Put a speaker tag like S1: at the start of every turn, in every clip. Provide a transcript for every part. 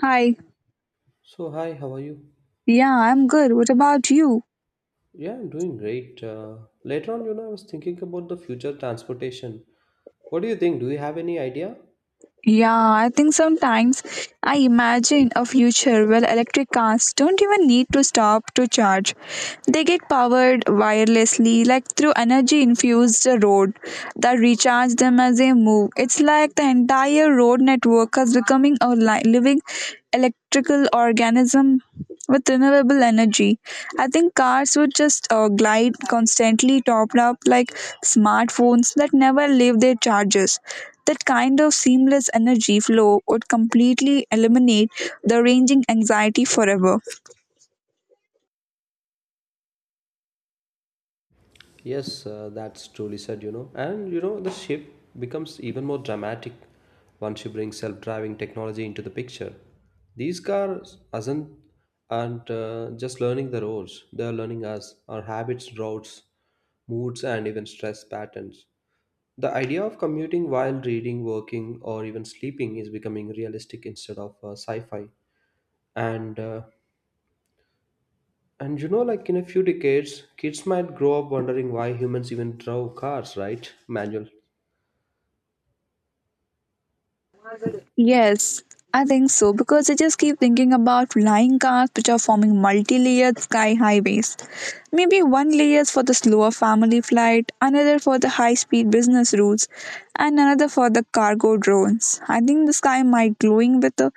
S1: Hi.
S2: Hi, how are you?
S1: Yeah, I'm good. What about you?
S2: Yeah, I'm doing great. Later on, I was thinking about the future transportation. What do you think? Do you have any idea?
S1: Yeah, I think sometimes I imagine a future where electric cars don't even need to stop to charge. They get powered wirelessly, like through energy infused road that recharge them as they move. It's like the entire road network is becoming a living electrical organism with renewable energy. I think cars would just glide constantly, topped up like smartphones that never leave their charges. That kind of seamless energy flow would completely eliminate the ranging anxiety forever.
S2: Yes, that's truly said, you know. And you know, the shift becomes even more dramatic once you bring self-driving technology into the picture. These cars aren't just learning the roads; they are learning us, our habits, routes, moods, and even stress patterns. The idea of commuting while reading, working, or even sleeping is becoming realistic instead of sci-fi. And uh, and you know, like in a few decades, kids might grow up wondering why humans even drove cars, right? Manual.
S1: Yes, I think so because I just keep thinking about flying cars which are forming multi layered sky highways. Maybe one layer is for the slower family flight, another for the high speed business routes, and another for the cargo drones. I think the sky might glowing with the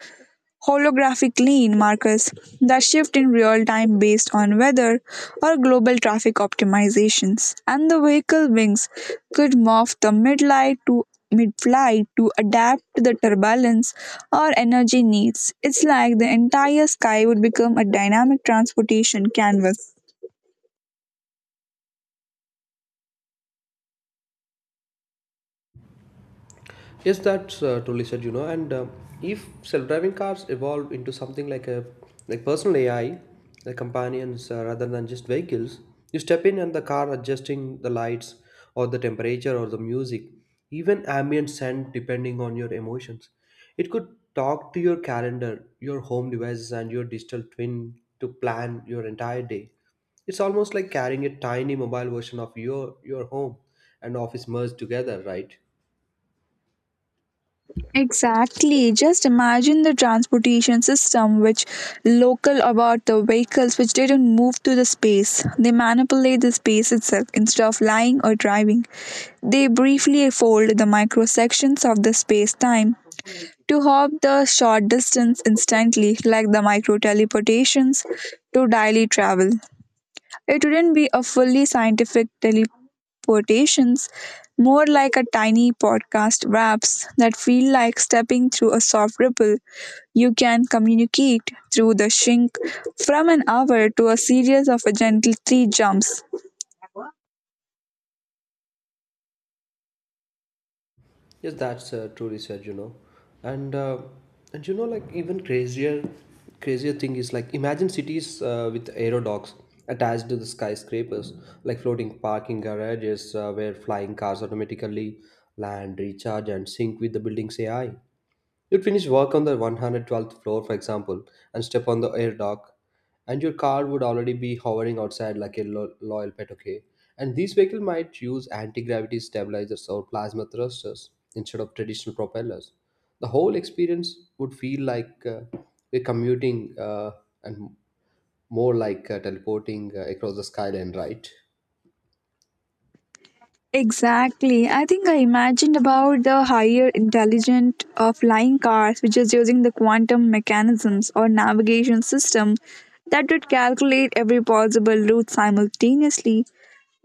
S1: holographic lane markers that shift in real time based on weather or global traffic optimizations, and the vehicle wings could morph the midlight to mid-flight to adapt to the turbulence or energy needs. It's like the entire sky would become a dynamic transportation canvas.
S2: Yes, that's truly said, you know. And if self-driving cars evolve into something like personal AI, like companions rather than just vehicles, you step in and the car adjusting the lights or the temperature or the music, even ambient scent depending on your emotions. It could talk to your calendar, your home devices, and your digital twin to plan your entire day. It's almost like carrying a tiny mobile version of your home and office merged together, right?
S1: Exactly. Just imagine the transportation system which local about the vehicles which didn't move to the space. They manipulate the space itself instead of lying or driving. They briefly fold the microsections of the space time to hop the short distance instantly, like the micro teleportations to daily travel. It wouldn't be a fully scientific teleportations, more like a tiny podcast wraps that feel like stepping through a soft ripple. You can communicate through the shrink, from an hour to a series of a gentle three jumps.
S2: Yes, that's truly said, you know, and uh, and you know, like even crazier thing is like imagine cities with aero docks attached to the skyscrapers, like floating parking garages where flying cars automatically land, recharge, and sync with the building's AI. You'd finish work on the 112th floor, for example, and step on the air dock, and your car would already be hovering outside like a loyal pet, okay? And these vehicles might use anti gravity stabilizers or plasma thrusters instead of traditional propellers. The whole experience would feel like we're commuting and more like teleporting across the skyline, right?
S1: Exactly. I think I imagined about the higher intelligent flying cars, which is using the quantum mechanisms or navigation system that would calculate every possible route simultaneously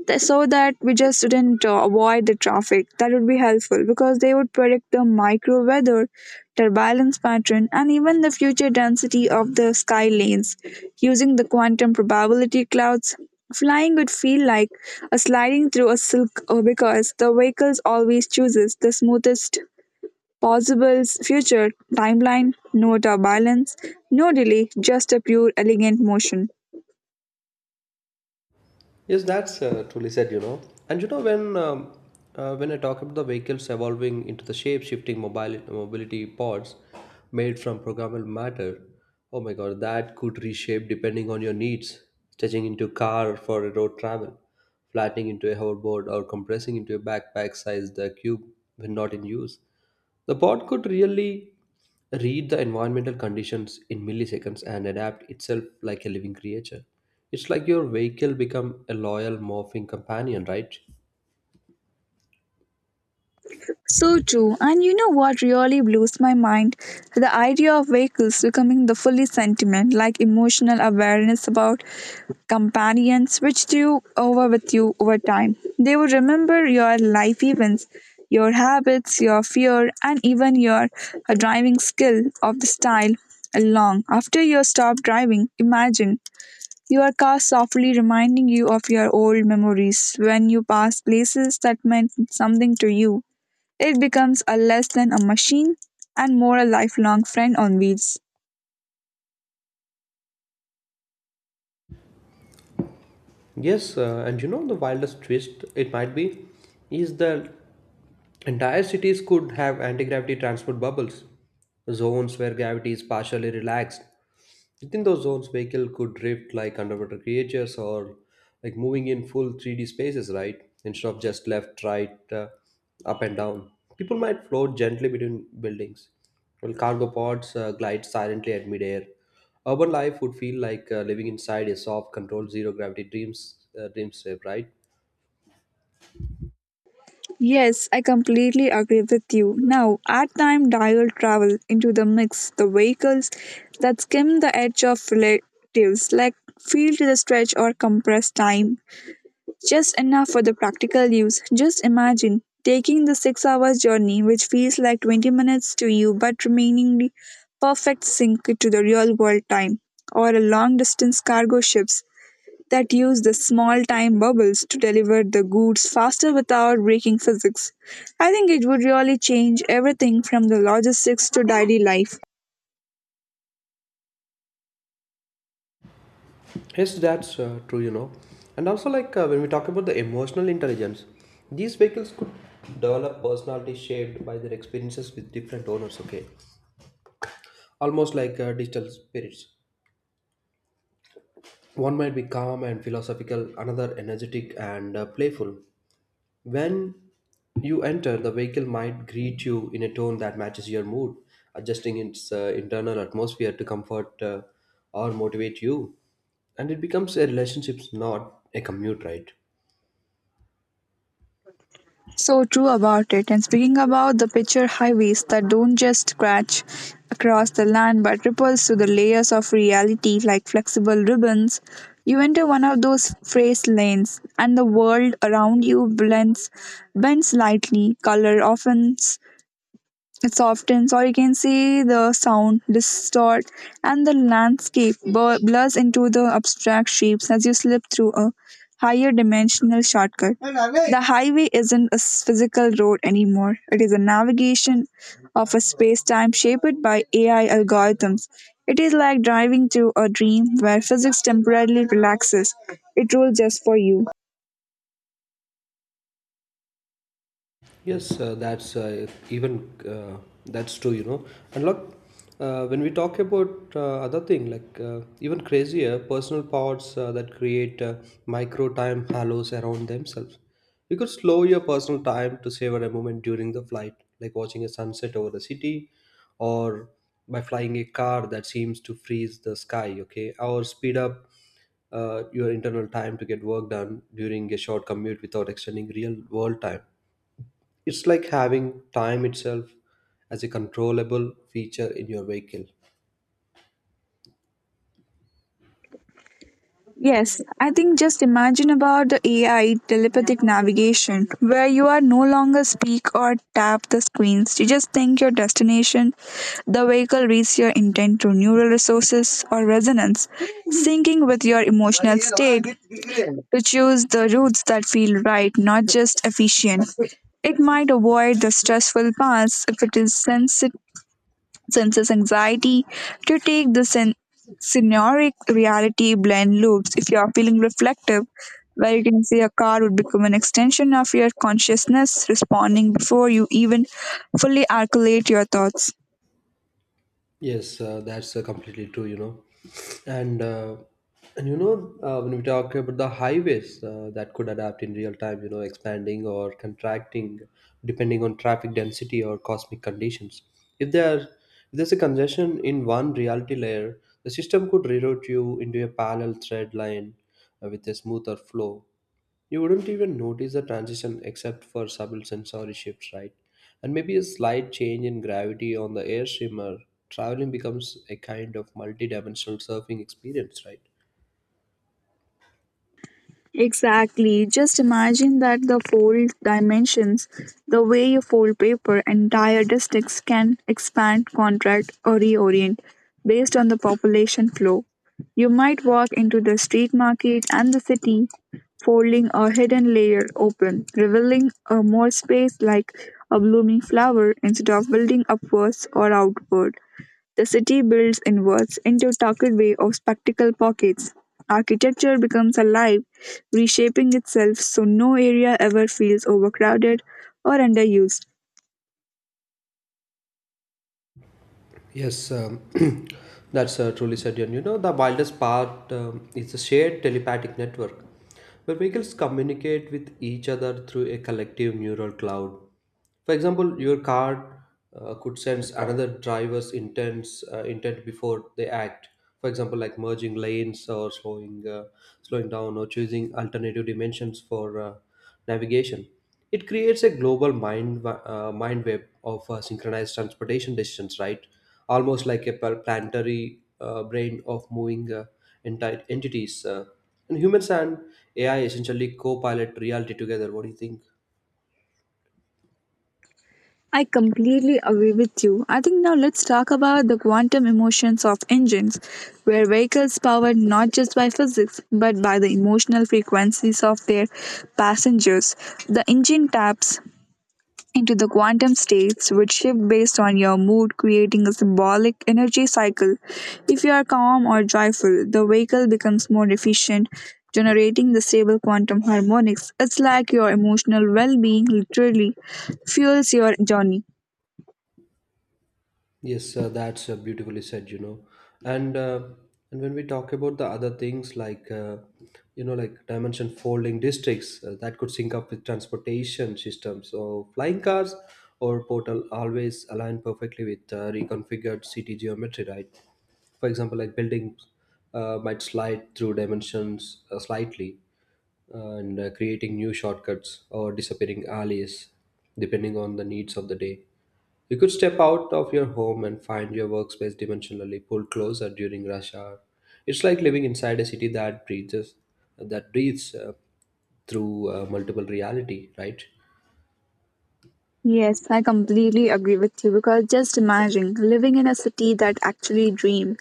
S1: so that we just didn't avoid the traffic. That would be helpful because they would predict the micro weather, turbulence pattern, and even the future density of the sky lanes. Using the quantum probability clouds, flying would feel like a sliding through a silk because the vehicles always chooses the smoothest possible future timeline, no turbulence, no delay, just a pure elegant motion.
S2: Yes, that's truly said, you know. And you know, when I talk about the vehicles evolving into the shape-shifting mobile mobility pods made from programmable matter, oh my God, that could reshape depending on your needs, stretching into car for a road travel, flattening into a hoverboard, or compressing into a backpack-sized cube when not in use. The bot could really read the environmental conditions in milliseconds and adapt itself like a living creature. It's like your vehicle become a loyal morphing companion, right?
S1: So true. And you know what really blows my mind? The idea of vehicles becoming the fully sentiment, like emotional awareness about companions, which do over with you over time. They will remember your life events, your habits, your fear, and even your driving skill of the style long after you stop driving. Imagine your car softly reminding you of your old memories when you pass places that meant something to you. It becomes a less than a machine and more a lifelong friend on wheels.
S2: Yes, and you know the wildest twist it might be is that entire cities could have anti-gravity transport bubbles, zones where gravity is partially relaxed. Within those zones, vehicle could drift like underwater creatures or like moving in full 3D spaces, right? Instead of just left, right, up and down. People might float gently between buildings, while cargo pods glide silently at midair. Urban life would feel like living inside a soft, controlled, zero gravity dreamscape, right?
S1: Yes, I completely agree with you. Now, our time dial travel into the mix, the vehicles that skim the edge of relatives, like feel to the stretch or compress time. Just enough for the practical use. Just imagine taking the 6 hours journey, which feels like 20 minutes to you, but remaining the perfect sync to the real world time, or a long distance cargo ships that use the small time bubbles to deliver the goods faster without breaking physics. I think it would really change everything from the logistics to daily life.
S2: Yes, that's true, you know. And also, like when we talk about the emotional intelligence, these vehicles could develop personalities shaped by their experiences with different owners, okay? Almost like digital spirits. One might be calm and philosophical, another energetic and playful. When you enter, the vehicle might greet you in a tone that matches your mood, adjusting its internal atmosphere to comfort or motivate you. And it becomes a relationship, not a commute, right?
S1: So true about it. And speaking about the picture highways that don't just scratch across the land but ripples through the layers of reality like flexible ribbons, you enter one of those phrase lanes and the world around you blends bends slightly, color often. It softens, or you can say the sound distort, and the landscape blurs into the abstract shapes as you slip through a higher dimensional shortcut. The highway isn't a physical road anymore. It is a navigation of a space time shaped by AI algorithms. It is like driving through a dream where physics temporarily relaxes. It rules just for you.
S2: Yes, that's true, you know. And look, when we talk about other thing, like even crazier personal powers that create micro time halos around themselves. You could slow your personal time to savor a moment during the flight, like watching a sunset over the city, or by flying a car that seems to freeze the sky. Okay, or speed up your internal time to get work done during a short commute without extending real world time. It's like having time itself as a controllable feature in your vehicle.
S1: Yes, I think just imagine about the AI telepathic navigation where you are no longer speak or tap the screens. You just think your destination, the vehicle reads your intent through neural resources or resonance, syncing with your emotional state to choose the routes that feel right, not just efficient. It might avoid the stressful paths if it is senses anxiety to take the scenaric reality blend loops if you are feeling reflective, where you can see a car would become an extension of your consciousness responding before you even fully articulate your thoughts.
S2: Yes, that's completely true, you know. And uh, and you know when we talk about the highways that could adapt in real time, you know, expanding or contracting depending on traffic density or cosmic conditions. If there's a congestion in one reality layer, the system could reroute you into a parallel thread line with a smoother flow. You wouldn't even notice the transition except for subtle sensory shifts, right? And maybe a slight change in gravity on the air streamer. Traveling becomes a kind of multi-dimensional surfing experience, right?
S1: Exactly. Just imagine that the fold dimensions, the way you fold paper, entire districts can expand, contract, or reorient based on the population flow. You might walk into the street market and the city, folding a hidden layer open, revealing a more space like a blooming flower instead of building upwards or outward. The city builds inwards into a tucked way of spectacle pockets. Architecture becomes alive, reshaping itself so no area ever feels overcrowded or underused.
S2: Yes, that's truly said. And you know, the wildest part is the shared telepathic network, where vehicles communicate with each other through a collective neural cloud. For example, your car could sense another driver's intent before they act. For example, like merging lanes or slowing down or choosing alternative dimensions for navigation. It creates a global mind web of synchronized transportation decisions, right? Almost like a planetary brain of moving entire entities. And humans and AI essentially co-pilot reality together. What do you think?
S1: I completely agree with you. I think now let's talk about the quantum emotions of engines, where vehicles powered not just by physics but by the emotional frequencies of their passengers. The engine taps into the quantum states, which shift based on your mood, creating a symbolic energy cycle. If you are calm or joyful, the vehicle becomes more efficient, generating the stable quantum harmonics. It's like your emotional well being literally fuels your journey.
S2: Yes, that's beautifully said, you know. And uh, and when we talk about the other things like you know like dimension folding districts that could sync up with transportation systems so flying cars or portal always align perfectly with reconfigured city geometry, right? For example, like buildings might slide through dimensions slightly and creating new shortcuts or disappearing alleys depending on the needs of the day. You could step out of your home and find your workspace dimensionally pulled closer during rush hour. It's like living inside a city that breathes through multiple reality, right?
S1: Yes, I completely agree with you because just imagine living in a city that actually dreamed,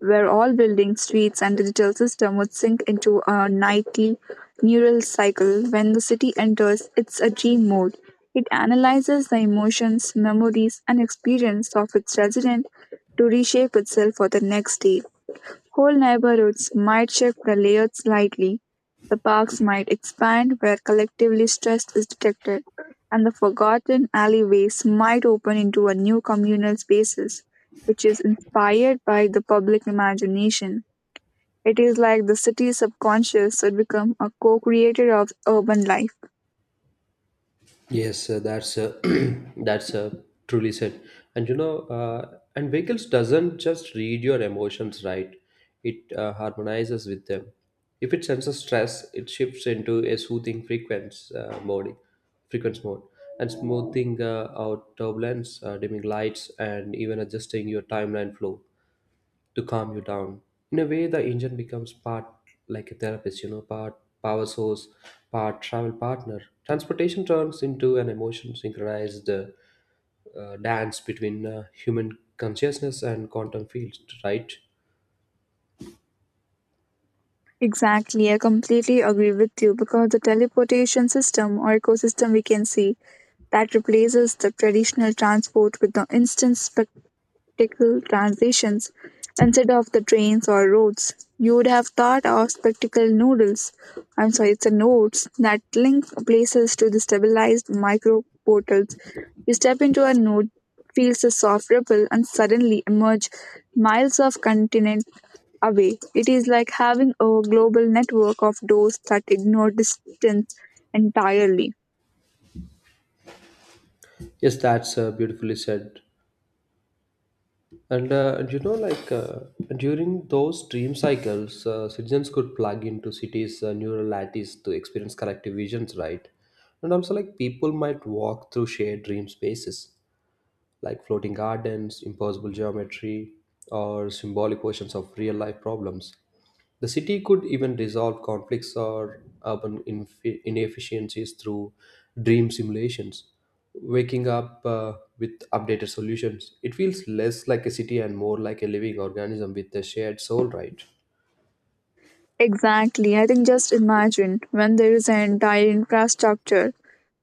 S1: where all buildings, streets, and digital system would sink into a nightly neural cycle. When the city enters its a dream mode, it analyzes the emotions, memories, and experience of its resident to reshape itself for the next day. Whole neighborhoods might shift the layout slightly, the parks might expand where collectively stress is detected, and the forgotten alleyways might open into a new communal spaces, which is inspired by the public imagination. It is like the city's subconscious would become a co-creator of urban life.
S2: Yes, that's that's truly said. And you know, and vehicles doesn't just read your emotions, right? It harmonizes with them. If it senses stress, it shifts into a soothing frequency mode, and smoothing out turbulence, dimming lights, and even adjusting your timeline flow to calm you down. In a way, the engine becomes part like a therapist, you know, part power source, part travel partner. Transportation turns into an emotion synchronized dance between human consciousness and quantum fields, right?
S1: Exactly, I completely agree with you because the teleportation system or ecosystem we can see that replaces the traditional transport with the instant spectacle transitions instead of the trains or roads. You would have thought of spectacle noodles. I'm sorry, it's a nodes that link places to the stabilized micro portals. You step into a node, feels a soft ripple, and suddenly emerge miles of continent away. It is like having a global network of doors that ignore distance entirely.
S2: Yes, that's beautifully said. And you know, like during those dream cycles, citizens could plug into cities' neural lattice to experience collective visions, right? And also, like people might walk through shared dream spaces like floating gardens, impossible geometry, or symbolic versions of real life problems. The city could even resolve conflicts or urban inefficiencies through dream simulations, waking up with updated solutions. It feels less like a city and more like a living organism with a shared soul, right?
S1: Exactly. I think just imagine when there is an entire infrastructure,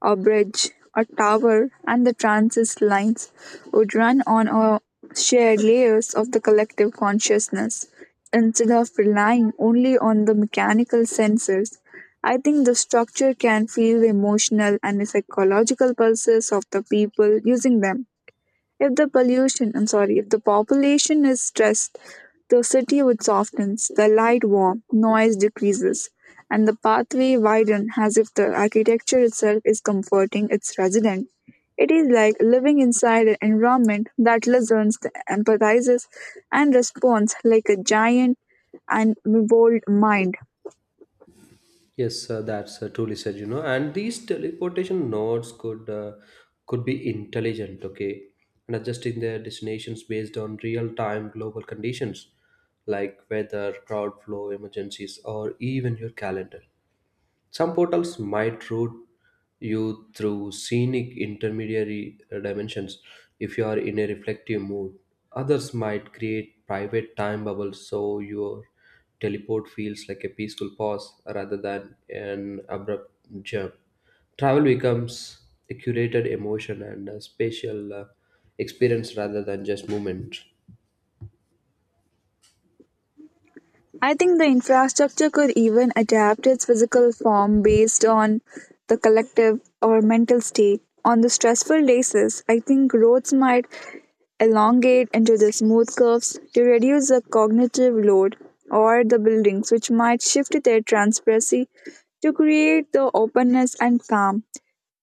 S1: a bridge, a tower, and the transit lines would run on a shared layers of the collective consciousness instead of relying only on the mechanical sensors. I think the structure can feel the emotional and psychological pulses of the people using them. If the pollution, I'm sorry, if the population is stressed, the city would soften, the light warm, noise decreases, and the pathway widen as if the architecture itself is comforting its resident. It is like living inside an environment that listens, empathizes, and responds like a giant and bold mind.
S2: Yes, that's truly said, you know. And these teleportation nodes could be intelligent, okay, and adjusting their destinations based on real-time global conditions like weather, crowd flow, emergencies, or even your calendar. Some portals might route you through scenic intermediary dimensions if you are in a reflective mood. Others might create private time bubbles so your teleport feels like a peaceful pause rather than an abrupt jump. Travel becomes a curated emotion and a spatial experience rather than just movement.
S1: I think the infrastructure could even adapt its physical form based on the collective or mental state. On the stressful days, I think roads might elongate into the smooth curves to reduce the cognitive load, or the buildings, which might shift their transparency to create the openness and calm.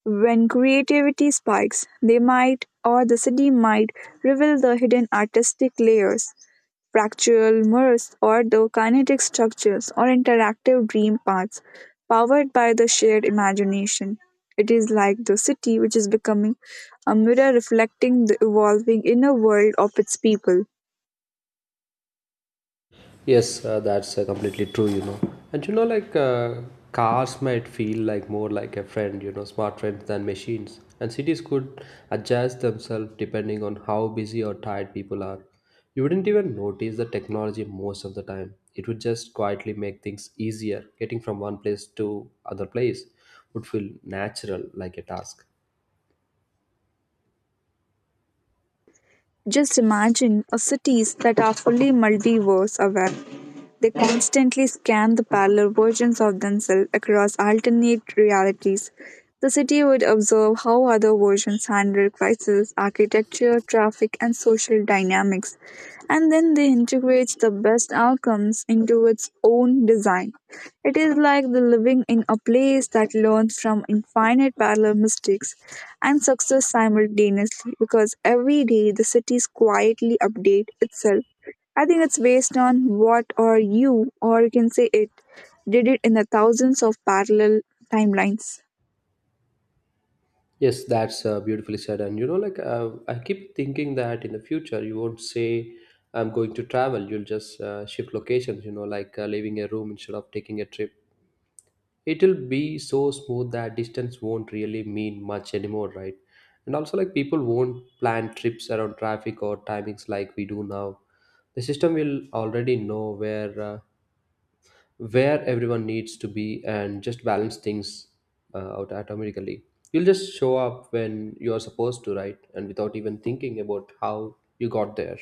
S1: When creativity spikes, they might or the city might reveal the hidden artistic layers, fractal mirrors, or the kinetic structures or interactive dream paths powered by the shared imagination. It is like the city which is becoming a mirror reflecting the evolving inner world of its people.
S2: Yes, that's completely true, you know. And you know, like cars might feel like more like a friend, you know, smart friends than machines. And cities could adjust themselves depending on how busy or tired people are. You wouldn't even notice the technology most of the time. It would just quietly make things easier. Getting from one place to other place would feel natural, like a task.
S1: Just imagine a cities that are fully multiverse aware. They constantly scan the parallel versions of themselves across alternate realities. The city would observe how other versions handle crisis, architecture, traffic, and social dynamics, and then they integrate the best outcomes into its own design. It is like the living in a place that learns from infinite parallel mistakes and success simultaneously because every day the cities quietly update itself. I think it's based on what or you, or you can say it did it in the thousands of parallel timelines.
S2: Yes, that's beautifully said. And you know, like I keep thinking that in the future you won't say I'm going to travel. You'll just shift locations. You know, like leaving a room instead of taking a trip. It'll be so smooth that distance won't really mean much anymore, right? And also, like people won't plan trips around traffic or timings like we do now. The system will already know where everyone needs to be and just balance things out automatically. You'll just show up when you're supposed to, right? And without even thinking about how you got there.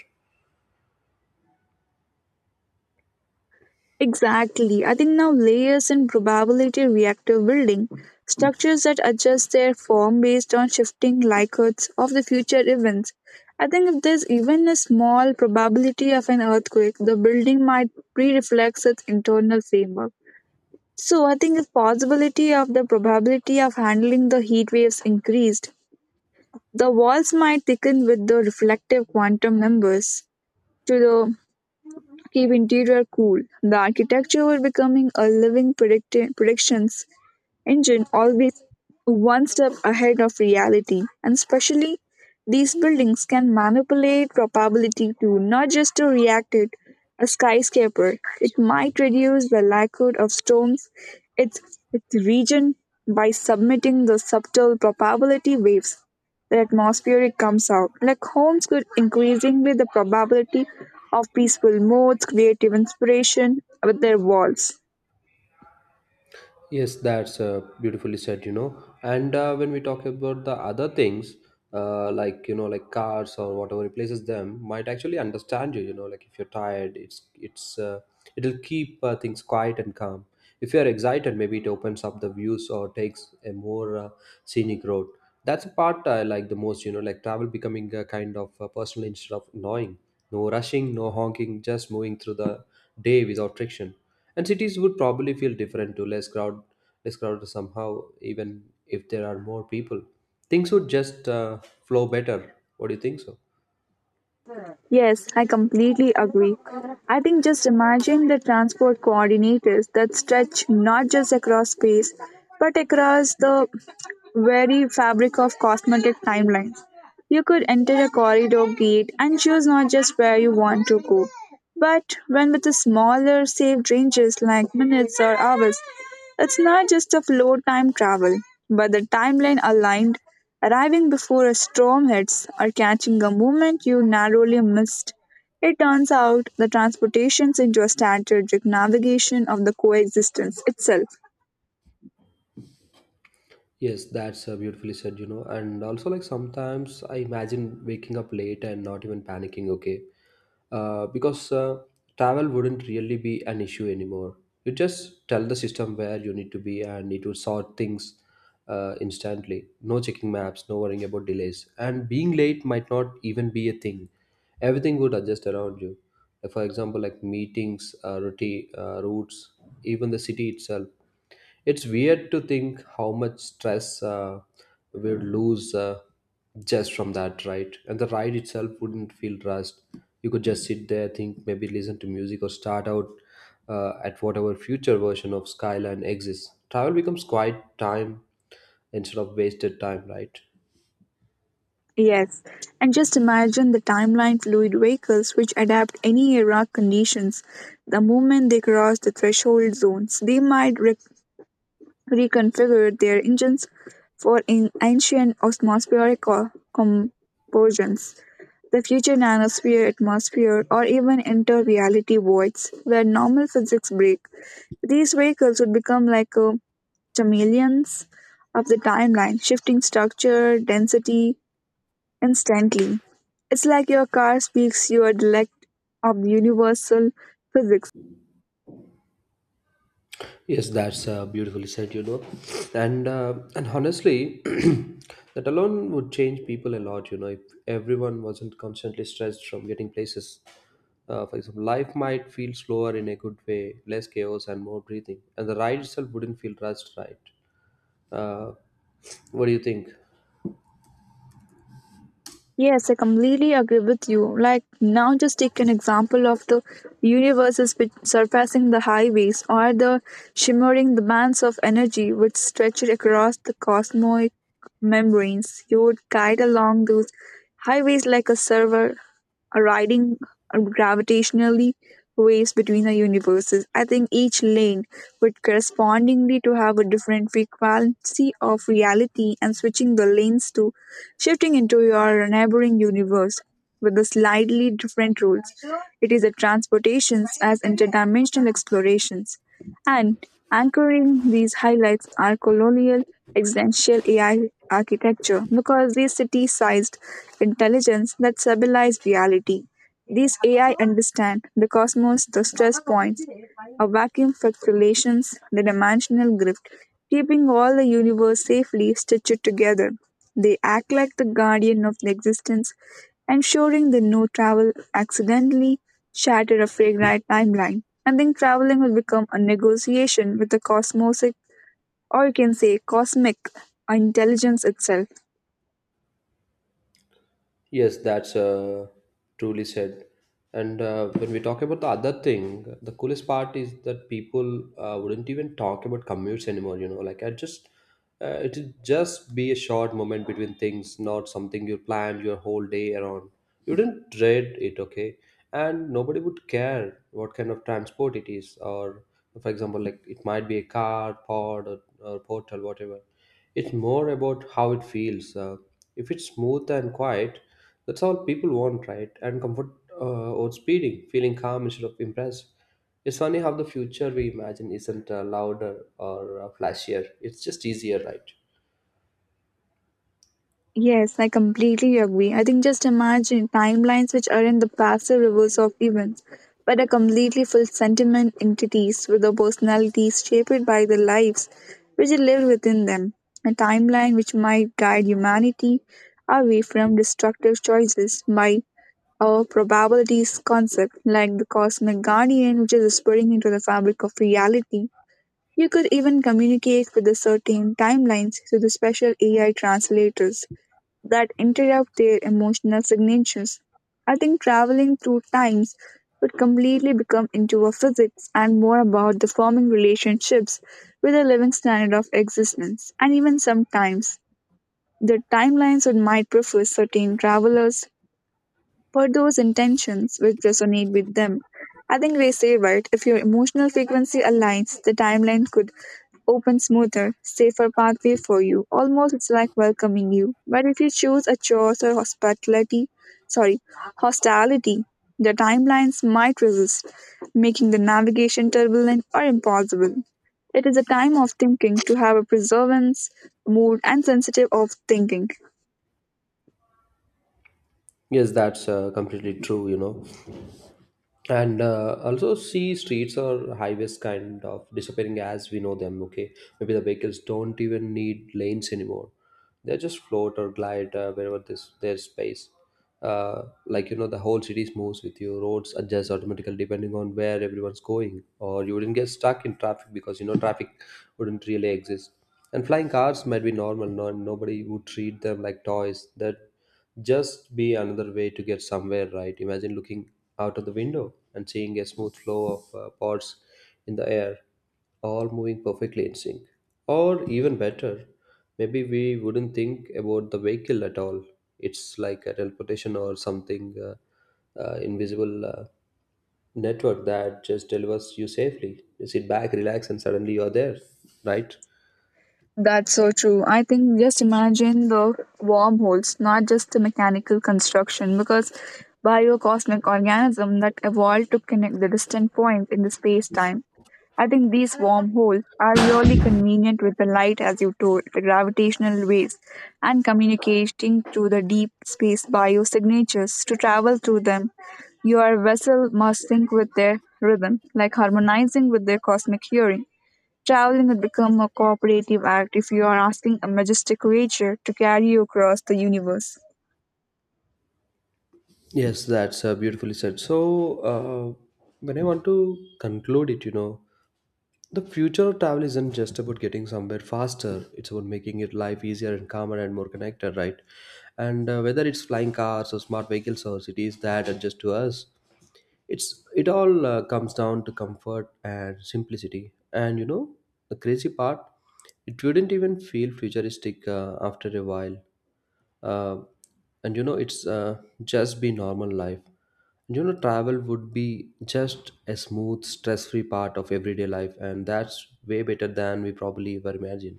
S1: Exactly. I think now layers in probability reactor building structures that adjust their form based on shifting likelihoods of the future events. I think if there's even a small probability of an earthquake, the building might pre-reflect its internal framework. So I think if possibility of the probability of handling the heat waves increased, the walls might thicken with the reflective quantum numbers to the to keep interior cool. The architecture was becoming a living predictions engine, always one step ahead of reality. And especially these buildings can manipulate probability to not just to react it. A skyscraper, it might reduce the likelihood of storms its its region by submitting the subtle probability waves. The atmospheric comes out like homes could increasingly the probability of peaceful moods, creative inspiration with their walls.
S2: Yes, that's beautifully said, you know. And when we talk about the other things, like, you know, like cars or whatever replaces them, might actually understand you, you know, like if you're tired, it'll keep things quiet and calm. If you're excited, maybe it opens up the views or takes a more scenic road. That's a part I like the most, you know, like travel becoming a kind of personal instead of annoying. No rushing, no honking, just moving through the day without friction, and cities would probably feel different, to less less crowded somehow, even if there are more people. Things would just flow better. What do you think so?
S1: Yes, I completely agree. I think just imagine the transport coordinators that stretch not just across space, but across the very fabric of cosmetic timelines. You could enter a corridor gate and choose not just where you want to go, but when. With the smaller saved ranges like minutes or hours, it's not just of low time travel, but the timeline aligned, arriving before a storm hits or catching a moment you narrowly missed. It turns out the transportations into a strategic navigation of the coexistence itself.
S2: Yes, that's beautifully said, And also, like, sometimes I imagine waking up late and not even panicking, okay? Because travel wouldn't really be an issue anymore. You just tell the system where you need to be and it will sort things instantly. No checking maps, no worrying about delays. And being late might not even be a thing. Everything would adjust around you. Like, for example, like meetings, routes, even the city itself. It's weird to think how much stress we'd lose just from that, right? And the ride itself wouldn't feel rushed. You could just sit there, think, maybe listen to music or start out at whatever future version of Skyline exists. Travel becomes quiet time instead of wasted time, right?
S1: Yes, and just imagine the timeline fluid vehicles which adapt any era conditions. The moment they cross the threshold zones, they might reconfigured their engines for in ancient atmospheric compositions. The future nanosphere, atmosphere, or even inter reality voids where normal physics break. These vehicles would become like chameleons of the timeline, shifting structure, density instantly. It's like your car speaks your dialect of universal physics.
S2: Yes, that's beautifully said, And honestly, that alone would change people a lot, If everyone wasn't constantly stressed from getting places, for example, life might feel slower in a good way, less chaos and more breathing, and the ride itself wouldn't feel rushed, right? Uh, what do you think?
S1: Yes, I completely agree with you. Like now, just take an example of the universes which surpassing the highways, or the shimmering the bands of energy which stretch across the cosmic membranes. You would guide along those highways like a server, a riding a gravitationally waves between the universes. I think each lane would correspondingly to have a different frequency of reality, and switching the lanes to shifting into your neighboring universe with the slightly different rules. It is a transportations as interdimensional explorations. And anchoring these highlights are colonial existential AI architecture, because these city sized intelligence that stabilize reality. These AI understand the cosmos, the stress points, a vacuum fluctuations, the dimensional grift, keeping all the universe safely stitched together. They act like the guardian of the existence, ensuring that no travel accidentally shatter a fragile timeline. I think traveling will become a negotiation with the cosmosic, or you can say cosmic intelligence itself.
S2: Yes, that's truly said. And when we talk about the other thing, the coolest part is that people wouldn't even talk about commutes anymore. It'll just be a short moment between things, not something you planned your whole day around. You didn't dread it, okay? And nobody would care what kind of transport it is, or for example, like it might be a car, pod, or portal, whatever. It's more about how it feels. If it's smooth and quiet, that's all people want, right? And comfort over speeding, feeling calm instead of impressed. It's funny how the future we imagine isn't louder or flashier. It's just easier, right?
S1: Yes, I completely agree. I think just imagine timelines which are in the passive reverse of events, but are completely full sentiment entities with the personalities shaped by the lives which live within them. A timeline which might guide humanity away from destructive choices by a probabilities concept, like the cosmic guardian, which is spreading into the fabric of reality. You could even communicate with the certain timelines through the special AI translators that interrupt their emotional signatures. I think traveling through times would completely become into a physics and more about the forming relationships with the living standard of existence, and even sometimes the timelines would might prefer certain travelers for those intentions which resonate with them. I think they say right. If your emotional frequency aligns, the timeline could open smoother, safer pathway for you. Almost it's like welcoming you. But if you choose a chores or hospitality, sorry, hostility, the timelines might resist, making the navigation turbulent or impossible. It is a time of thinking to have a preservance, mood, and sensitive of thinking.
S2: Yes, that's completely true, And also see streets or highways kind of disappearing as we know them, okay? Maybe the vehicles don't even need lanes anymore. They just float or glide wherever this there's space. The whole cities moves with you. Roads adjust automatically depending on where everyone's going, or you wouldn't get stuck in traffic, because traffic wouldn't really exist. And flying cars might be normal. No, Nobody would treat them like toys. That just be another way to get somewhere, right? Imagine looking out of the window and seeing a smooth flow of pods in the air, all moving perfectly in sync. Or even better, maybe we wouldn't think about the vehicle at all. It's like a teleportation or something, invisible network that just delivers you safely. You sit back, relax, and suddenly you are there, right?
S1: That's so true. I think just imagine the wormholes, not just the mechanical construction, because biocosmic organism that evolved to connect the distant points in the space-time. I think these wormholes are really convenient with the light, as you told, the gravitational waves, and communicating through the deep space biosignatures to travel through them. Your vessel must sync with their rhythm, like harmonizing with their cosmic hearing. Traveling would become a cooperative act if you are asking a majestic creature to carry you across the universe.
S2: Yes, that's beautifully said. So, uh, when I want to conclude it, the future of travel isn't just about getting somewhere faster. It's about making it life easier and calmer and more connected, right? And whether it's flying cars or smart vehicles or cities that adjust to us, it all comes down to comfort and simplicity. And, the crazy part, it wouldn't even feel futuristic after a while. Uh, and you know it's just be normal life. And travel would be just a smooth, stress-free part of everyday life, and that's way better than we probably ever imagined.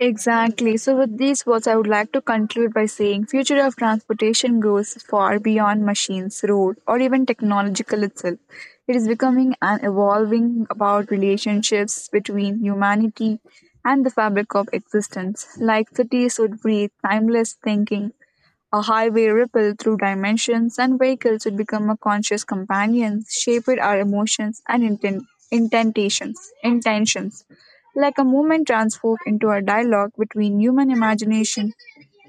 S1: Exactly. So, with these words, I would like to conclude by saying future of transportation goes far beyond machines, road, or even technological itself. It is becoming and evolving about relationships between humanity and the fabric of existence. Like cities would breathe timeless thinking, a highway rippled through dimensions, and vehicles would become a conscious companion, shaped our emotions and intentations, intentions, like a movement transformed into a dialogue between human imagination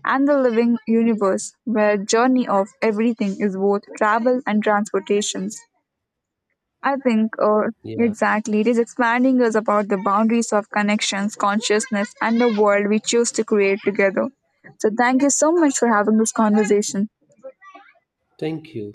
S1: and the living universe, where journey of everything is both travel and transportations. I think, or
S2: Yeah,
S1: exactly, it is expanding us about the boundaries of connections, consciousness, and the world we choose to create together. So, thank you so much for having this conversation.
S2: thank you.